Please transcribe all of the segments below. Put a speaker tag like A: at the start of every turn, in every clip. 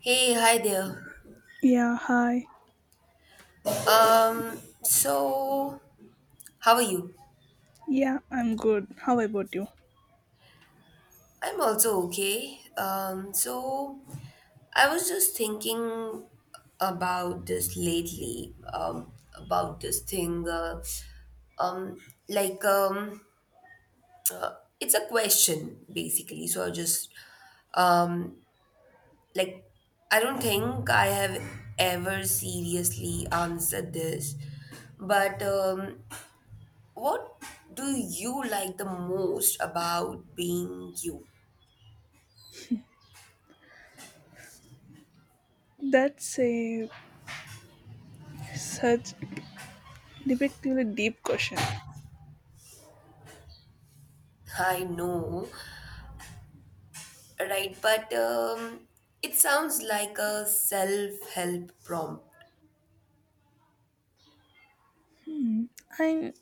A: Hey, hi there.
B: Yeah, hi.
A: Um, so how are you?
B: Yeah, I'm good. How about you?
A: I'm also okay. So I was just thinking about this lately, about this thing, um, like, um, uh, it's a question basically. So I um, like, I don't think I have ever seriously answered this, but what do you like the most about being you?
B: That's a such debatably deep question.
A: I know, right? But it sounds like a self-help prompt.
B: Hmm. I'm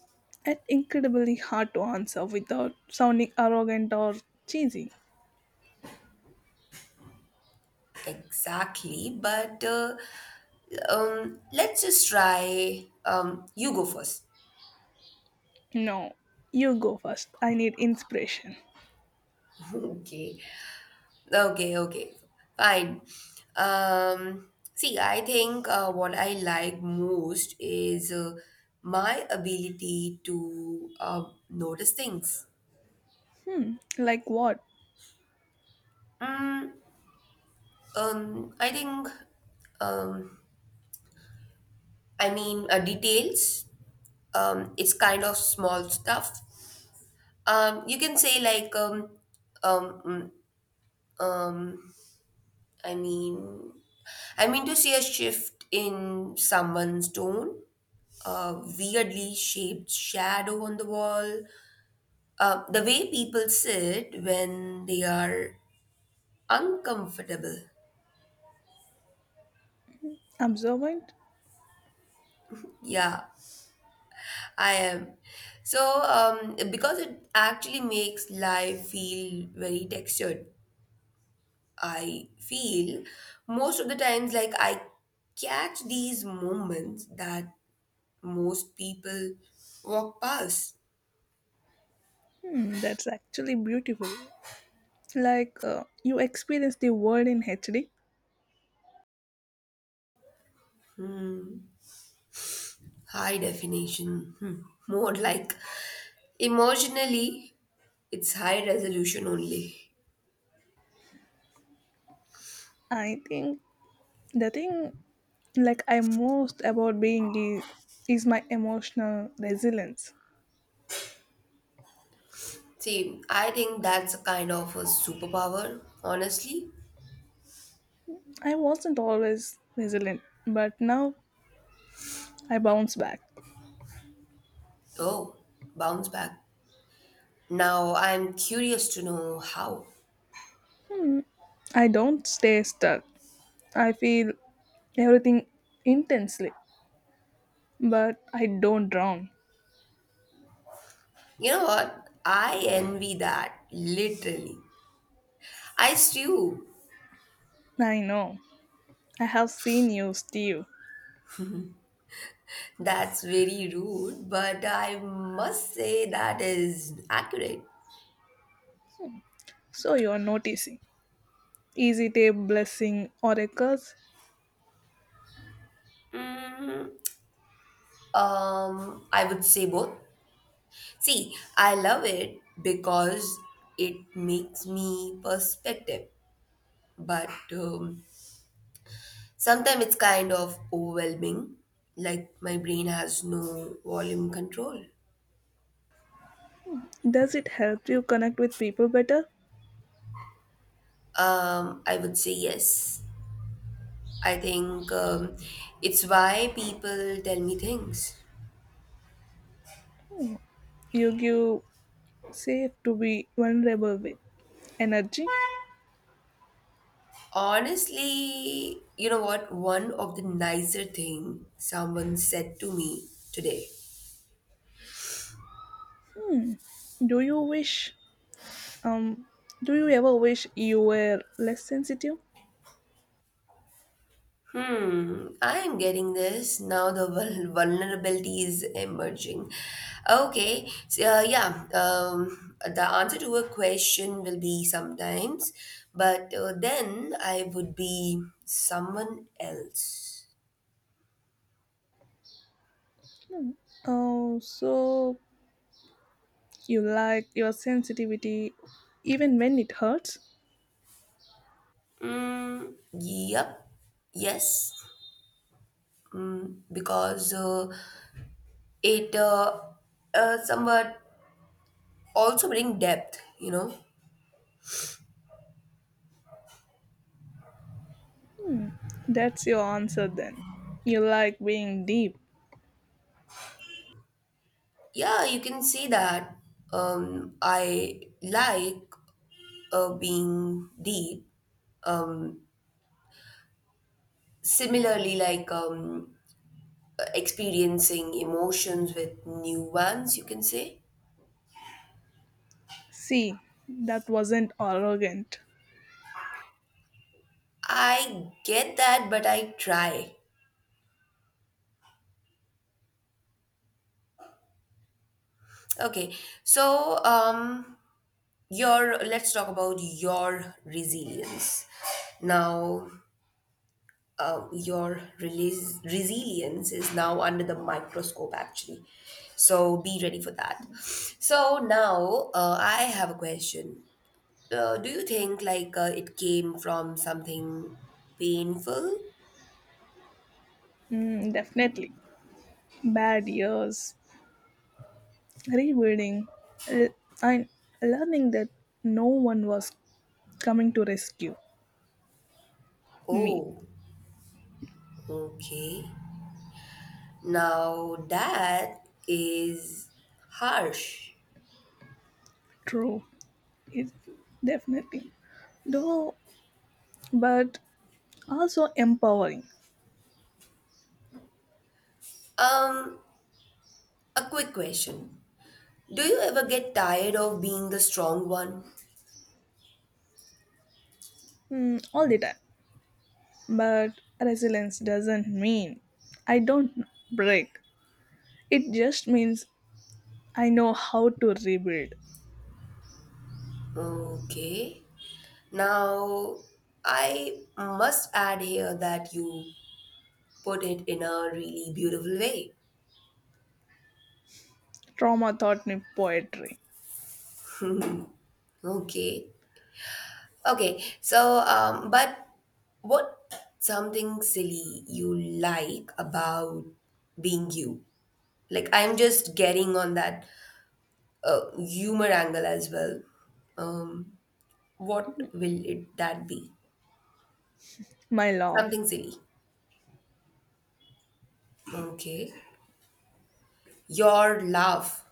B: it's incredibly hard to answer without sounding arrogant or cheesy.
A: Exactly, but let's just try. You go first.
B: No, you go first. I need inspiration.
A: Okay, okay, okay, fine. See, I think what I like most is my ability to notice things.
B: Hmm. Like what?
A: Mm, I think, um, details. It's kind of small stuff. You can say like, mm, um, I mean, I mean to see a shift in someone's tone, a weirdly shaped shadow on the wall, the way people sit when they are uncomfortable.
B: Observant?
A: Yeah, I am. So, because it actually makes life feel very textured, I feel most of the times like I catch these moments that most people walk past.
B: Hmm. That's actually beautiful. Like you experience the world in HD.
A: Hmm. High definition. Hmm. More like emotionally, it's high resolution only.
B: I think the thing like I most about being is my emotional resilience.
A: See, I think that's a kind of a superpower, honestly.
B: I wasn't always resilient, but now I bounce back.
A: Oh, bounce back. Now I'm curious to know how.
B: I don't stay stuck. I feel everything intensely, but I don't drown.
A: You know what? I envy that, literally. I stew.
B: I know, I have seen you steve.
A: That's very rude, but I must say that is accurate.
B: So you're noticing, is it a blessing or a curse?
A: Mm, I would say both. See, I love it because it makes me perspective, but sometimes it's kind of overwhelming, like my brain has no volume control.
B: Does it help you connect with people better?
A: I would say yes. I think it's why people tell me things.
B: You give safe to be vulnerable with. Energy.
A: Honestly, you know what? One of the nicer thing someone said to me today.
B: Do you wish? Um, do you ever wish you were less sensitive?
A: Hmm, I am getting this. Now the vulnerability is emerging. Okay, so yeah, the answer to a question will be sometimes, but then I would be someone else.
B: Oh, so you like your sensitivity even when it hurts?
A: Mm, yep. Yes. Mm, because it somewhat also bring depth, you know.
B: That's your answer then. You like being deep.
A: Yeah, you can see that. I like being deep. Um, similarly, experiencing emotions with new ones, you can say.
B: See, that wasn't arrogant.
A: I get that, but I try. Okay, so your let's talk about your resilience now, your resilience is now under the microscope actually, so be ready for that. So now I have a question. Do you think it came from something painful?
B: Mm, definitely. Bad years. Rebuilding. L- I learning that no one was coming to rescue me.
A: Oh, okay. Now that is harsh.
B: True. It's definitely though, but also empowering.
A: um a quick question: do you ever get tired of being the strong one?
B: Mm, all the time. But resilience doesn't mean I don't break. It just means I know how to rebuild.
A: Okay. Now, I must add here that you put it in a really beautiful way.
B: Trauma taught me poetry.
A: Okay. Okay. So, but what something silly you like about being you? Like, I'm just getting on that humor angle as well. Um, what will it that be?
B: My laugh,
A: Something silly. Okay. Your laugh,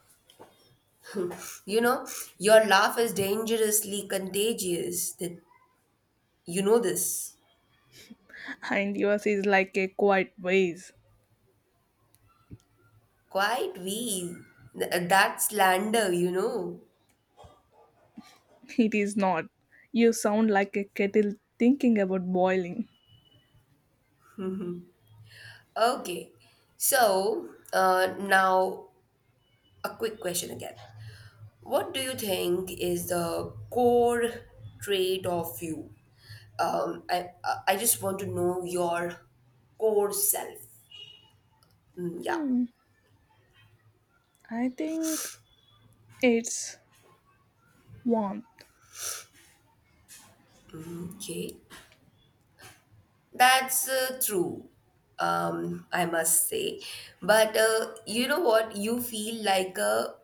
A: you know, your laugh is dangerously contagious. That, you know this.
B: and yours is like a quiet vase.
A: Quite we. That slander, you know.
B: It is not. You sound like a kettle thinking about boiling.
A: Okay. So, now a quick question again. What do you think is the core trait of you? I just want to know your core self. Mm, yeah.
B: Hmm, I think it's warmth.
A: Okay. That's true, I must say. But you know what? You feel like a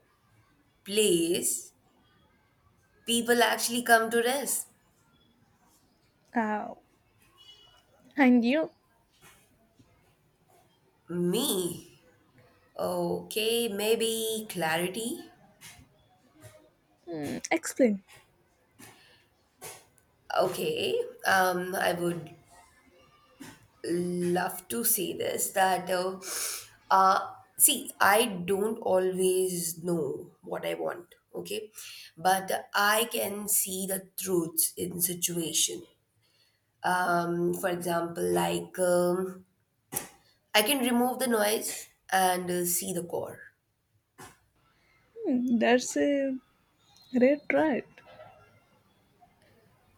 A: place people actually come to rest.
B: Oh. And you?
A: Me? Okay, maybe clarity.
B: Hmm, explain.
A: Okay, I would love to say this that, uh, see, I don't always know what I want, okay? But I can see the truths in situation, for example, I can remove the noise and see the core.
B: Hmm, that's a great right.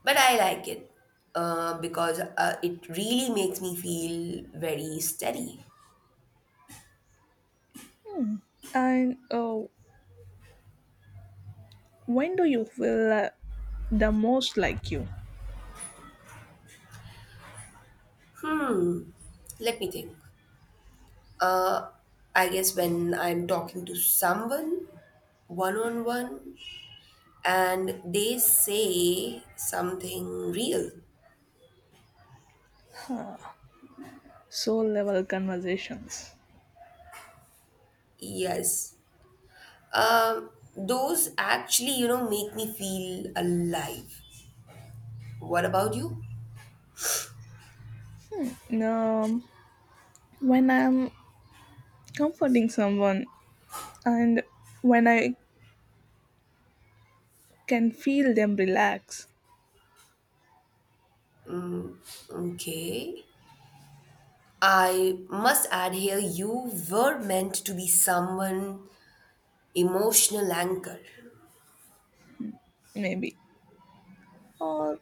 A: But I like it because it really makes me feel very steady.
B: And when do you feel the most like you?
A: Hmm, let me think. uh, I guess when I'm talking to someone one on one and they say something real.
B: Soul level conversations.
A: Yes, um, those actually you know make me feel alive. What about you?
B: Um, when I'm comforting someone and when I can feel them relax,
A: Mm, okay. I must add here you were meant to be someone emotional anchor.
B: maybe. Or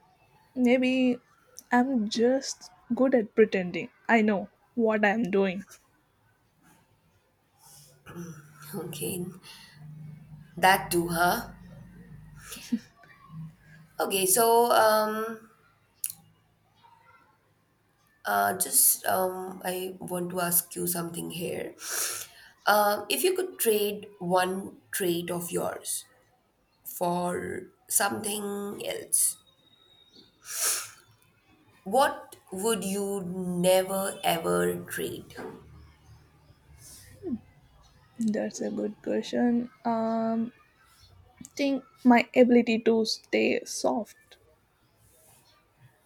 B: maybe I'm just good at pretending. I know what I'm doing.
A: Okay. That too, huh? Okay, so just I want to ask you something here. If you could trade one trait of yours for something else, what would you never ever trade?
B: That's a good question. Think my ability to stay soft.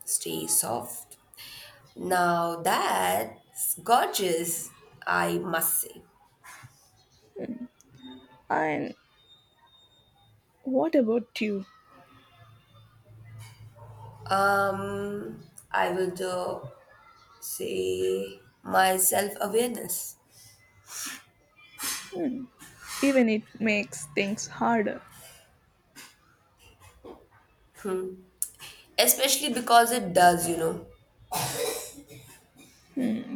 A: Stay soft. Now that's gorgeous, I must say.
B: And what about you?
A: I would say my self awareness,
B: Even it makes things harder.
A: especially because it does, you know.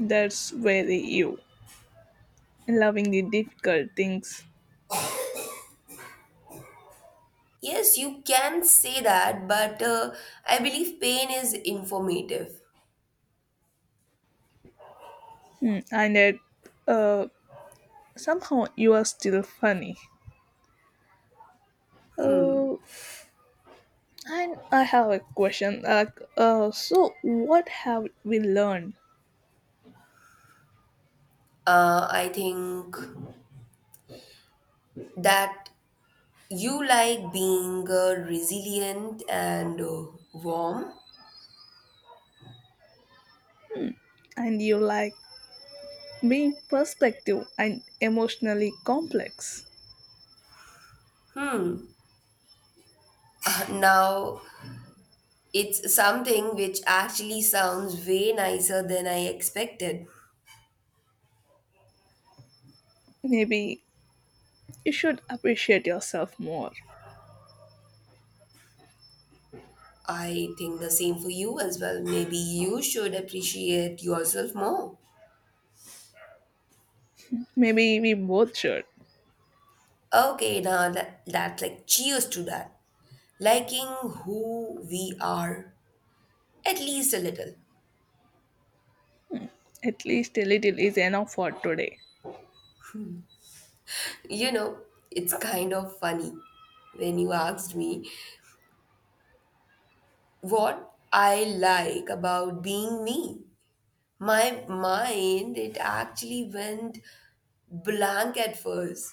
B: That's very you. Loving the difficult things.
A: Yes, you can say that, but I believe pain is informative.
B: Hmm, and yet, uh, somehow you are still funny.
A: Hmm.
B: Oh, and I have a question. Like, so what have we learned?
A: I think that you like being resilient and warm.
B: And you like being perspective and emotionally complex.
A: Now, it's something which actually sounds way nicer than I expected.
B: Maybe you should appreciate yourself more.
A: I think the same for you as well. Maybe you should appreciate yourself more.
B: Maybe we both should.
A: Okay, now that, that's like cheers to that. Liking who we are, at least a little.
B: At least a little is enough for today.
A: You know, it's kind of funny when you asked me what I like about being me. My mind, it actually went blank at first.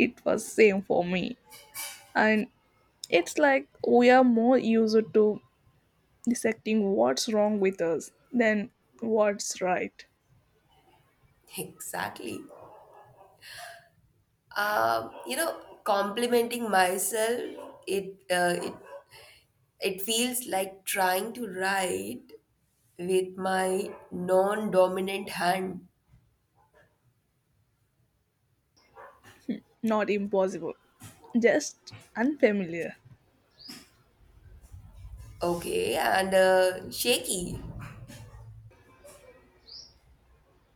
B: It was same for me. And it's like we are more used to dissecting what's wrong with us than what's right.
A: Exactly. You know, complimenting myself, it it feels like trying to write with my non-dominant hand.
B: Not impossible. Just unfamiliar.
A: Okay, and shaky.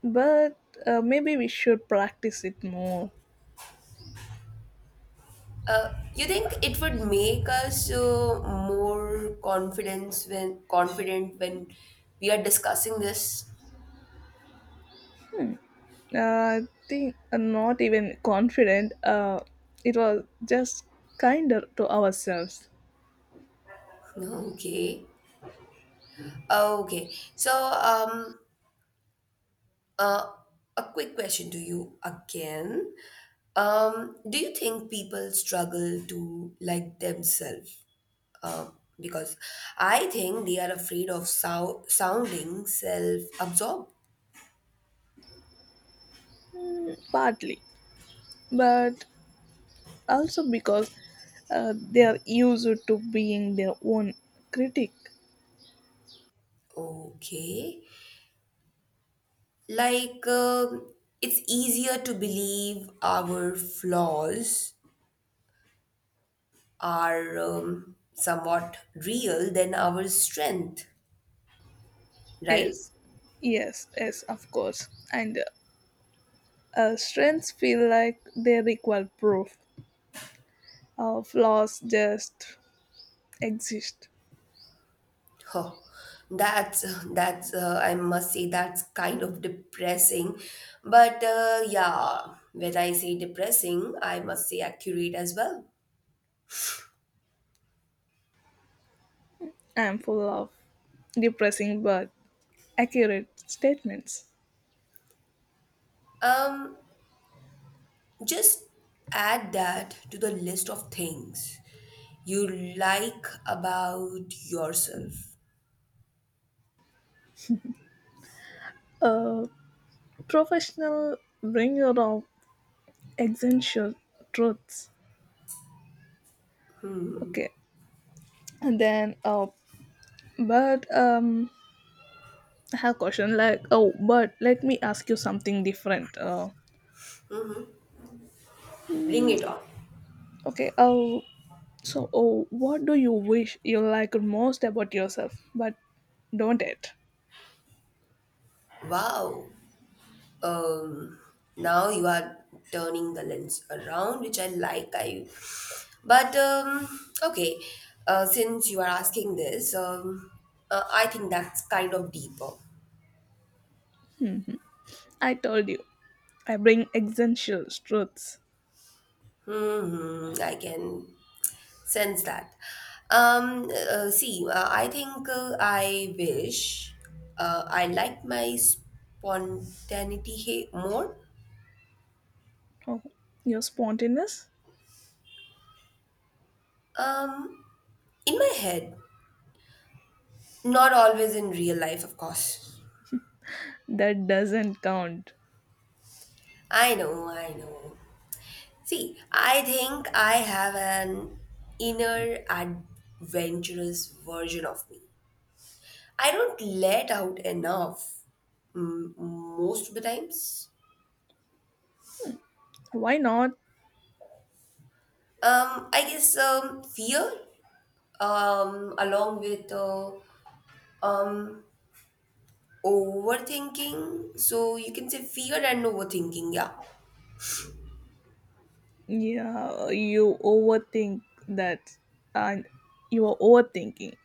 B: But maybe we should practice it more.
A: You think it would make us more confidence when confident when we are discussing this?
B: I think I'm not even confident. It was just kinder to ourselves,
A: Okay. Okay. So, Uh, a quick question to you again. Do you think people struggle to like themselves? Uh, because I think they are afraid of sounding self-absorbed.
B: partly, but also because they are used to being their own critic.
A: Okay. Like, it's easier to believe our flaws are somewhat real than our strength, right?
B: Yes, yes, yes, of course. And strengths feel like they require proof. Flaws just exist.
A: Oh, that's that's I must say that's kind of depressing, but yeah, when I say depressing, I must say accurate as well.
B: I'm full of depressing but accurate statements.
A: Um, just add that to the list of things you like about yourself.
B: A professional bringer of essential truths. Okay, and then but I have question like oh, but let me ask you something different.
A: Bring
B: Hmm,
A: it on.
B: okay. Oh, what do you wish you liked most about yourself? But don't it?
A: Wow, um now you are turning the lens around which I like. I But okay, since you are asking this, I think that's kind of deeper.
B: I told you. I bring essential truths.
A: Hmm, I can sense that. See, I think I wish I like my spontaneity more.
B: Oh, your spontaneous,
A: um in my head, not always in real life of course.
B: that doesn't count.
A: I know, I know. See, I think I have an inner adventurous version of me. I don't let out enough, mm, most of the times.
B: Why not?
A: I guess fear, along with um, overthinking. So you can say fear and overthinking, yeah.
B: Yeah, you overthink that, and you are overthinking.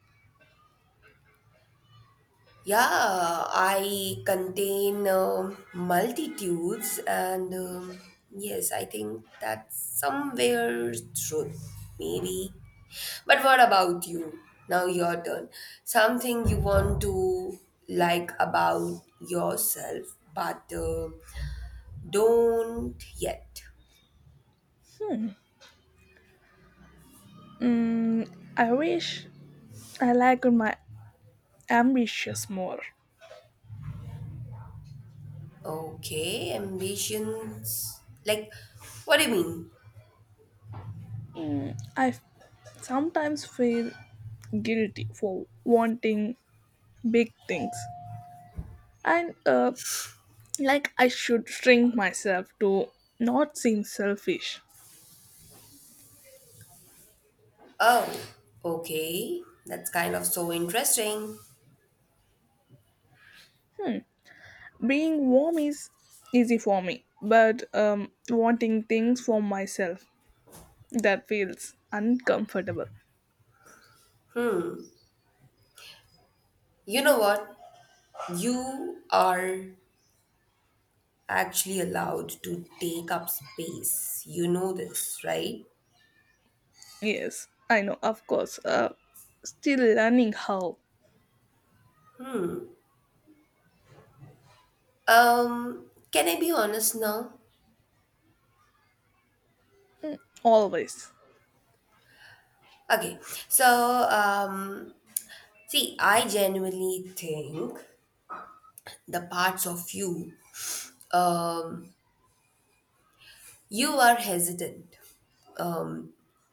A: Yeah, I contain multitudes, and yes, I think that's somewhere truth, maybe. But what about you? Now your turn. Something you want to like about yourself, but don't yet.
B: Mm, I wish I liked my ambitious more.
A: Okay, ambitions. Like, what do you mean?
B: Mm, I f- sometimes feel guilty for wanting big things, and like I should shrink myself to not seem selfish.
A: Oh, okay. That's kind of so interesting.
B: Hmm. Being warm is easy for me, but wanting things for myself, that feels uncomfortable.
A: You know what? You are actually allowed to take up space. You know this, right?
B: Yes, I know, of course. Still learning how,
A: Can I be honest now?
B: always.
A: Okay, so um, see, I genuinely think the parts of you, um, you are hesitant.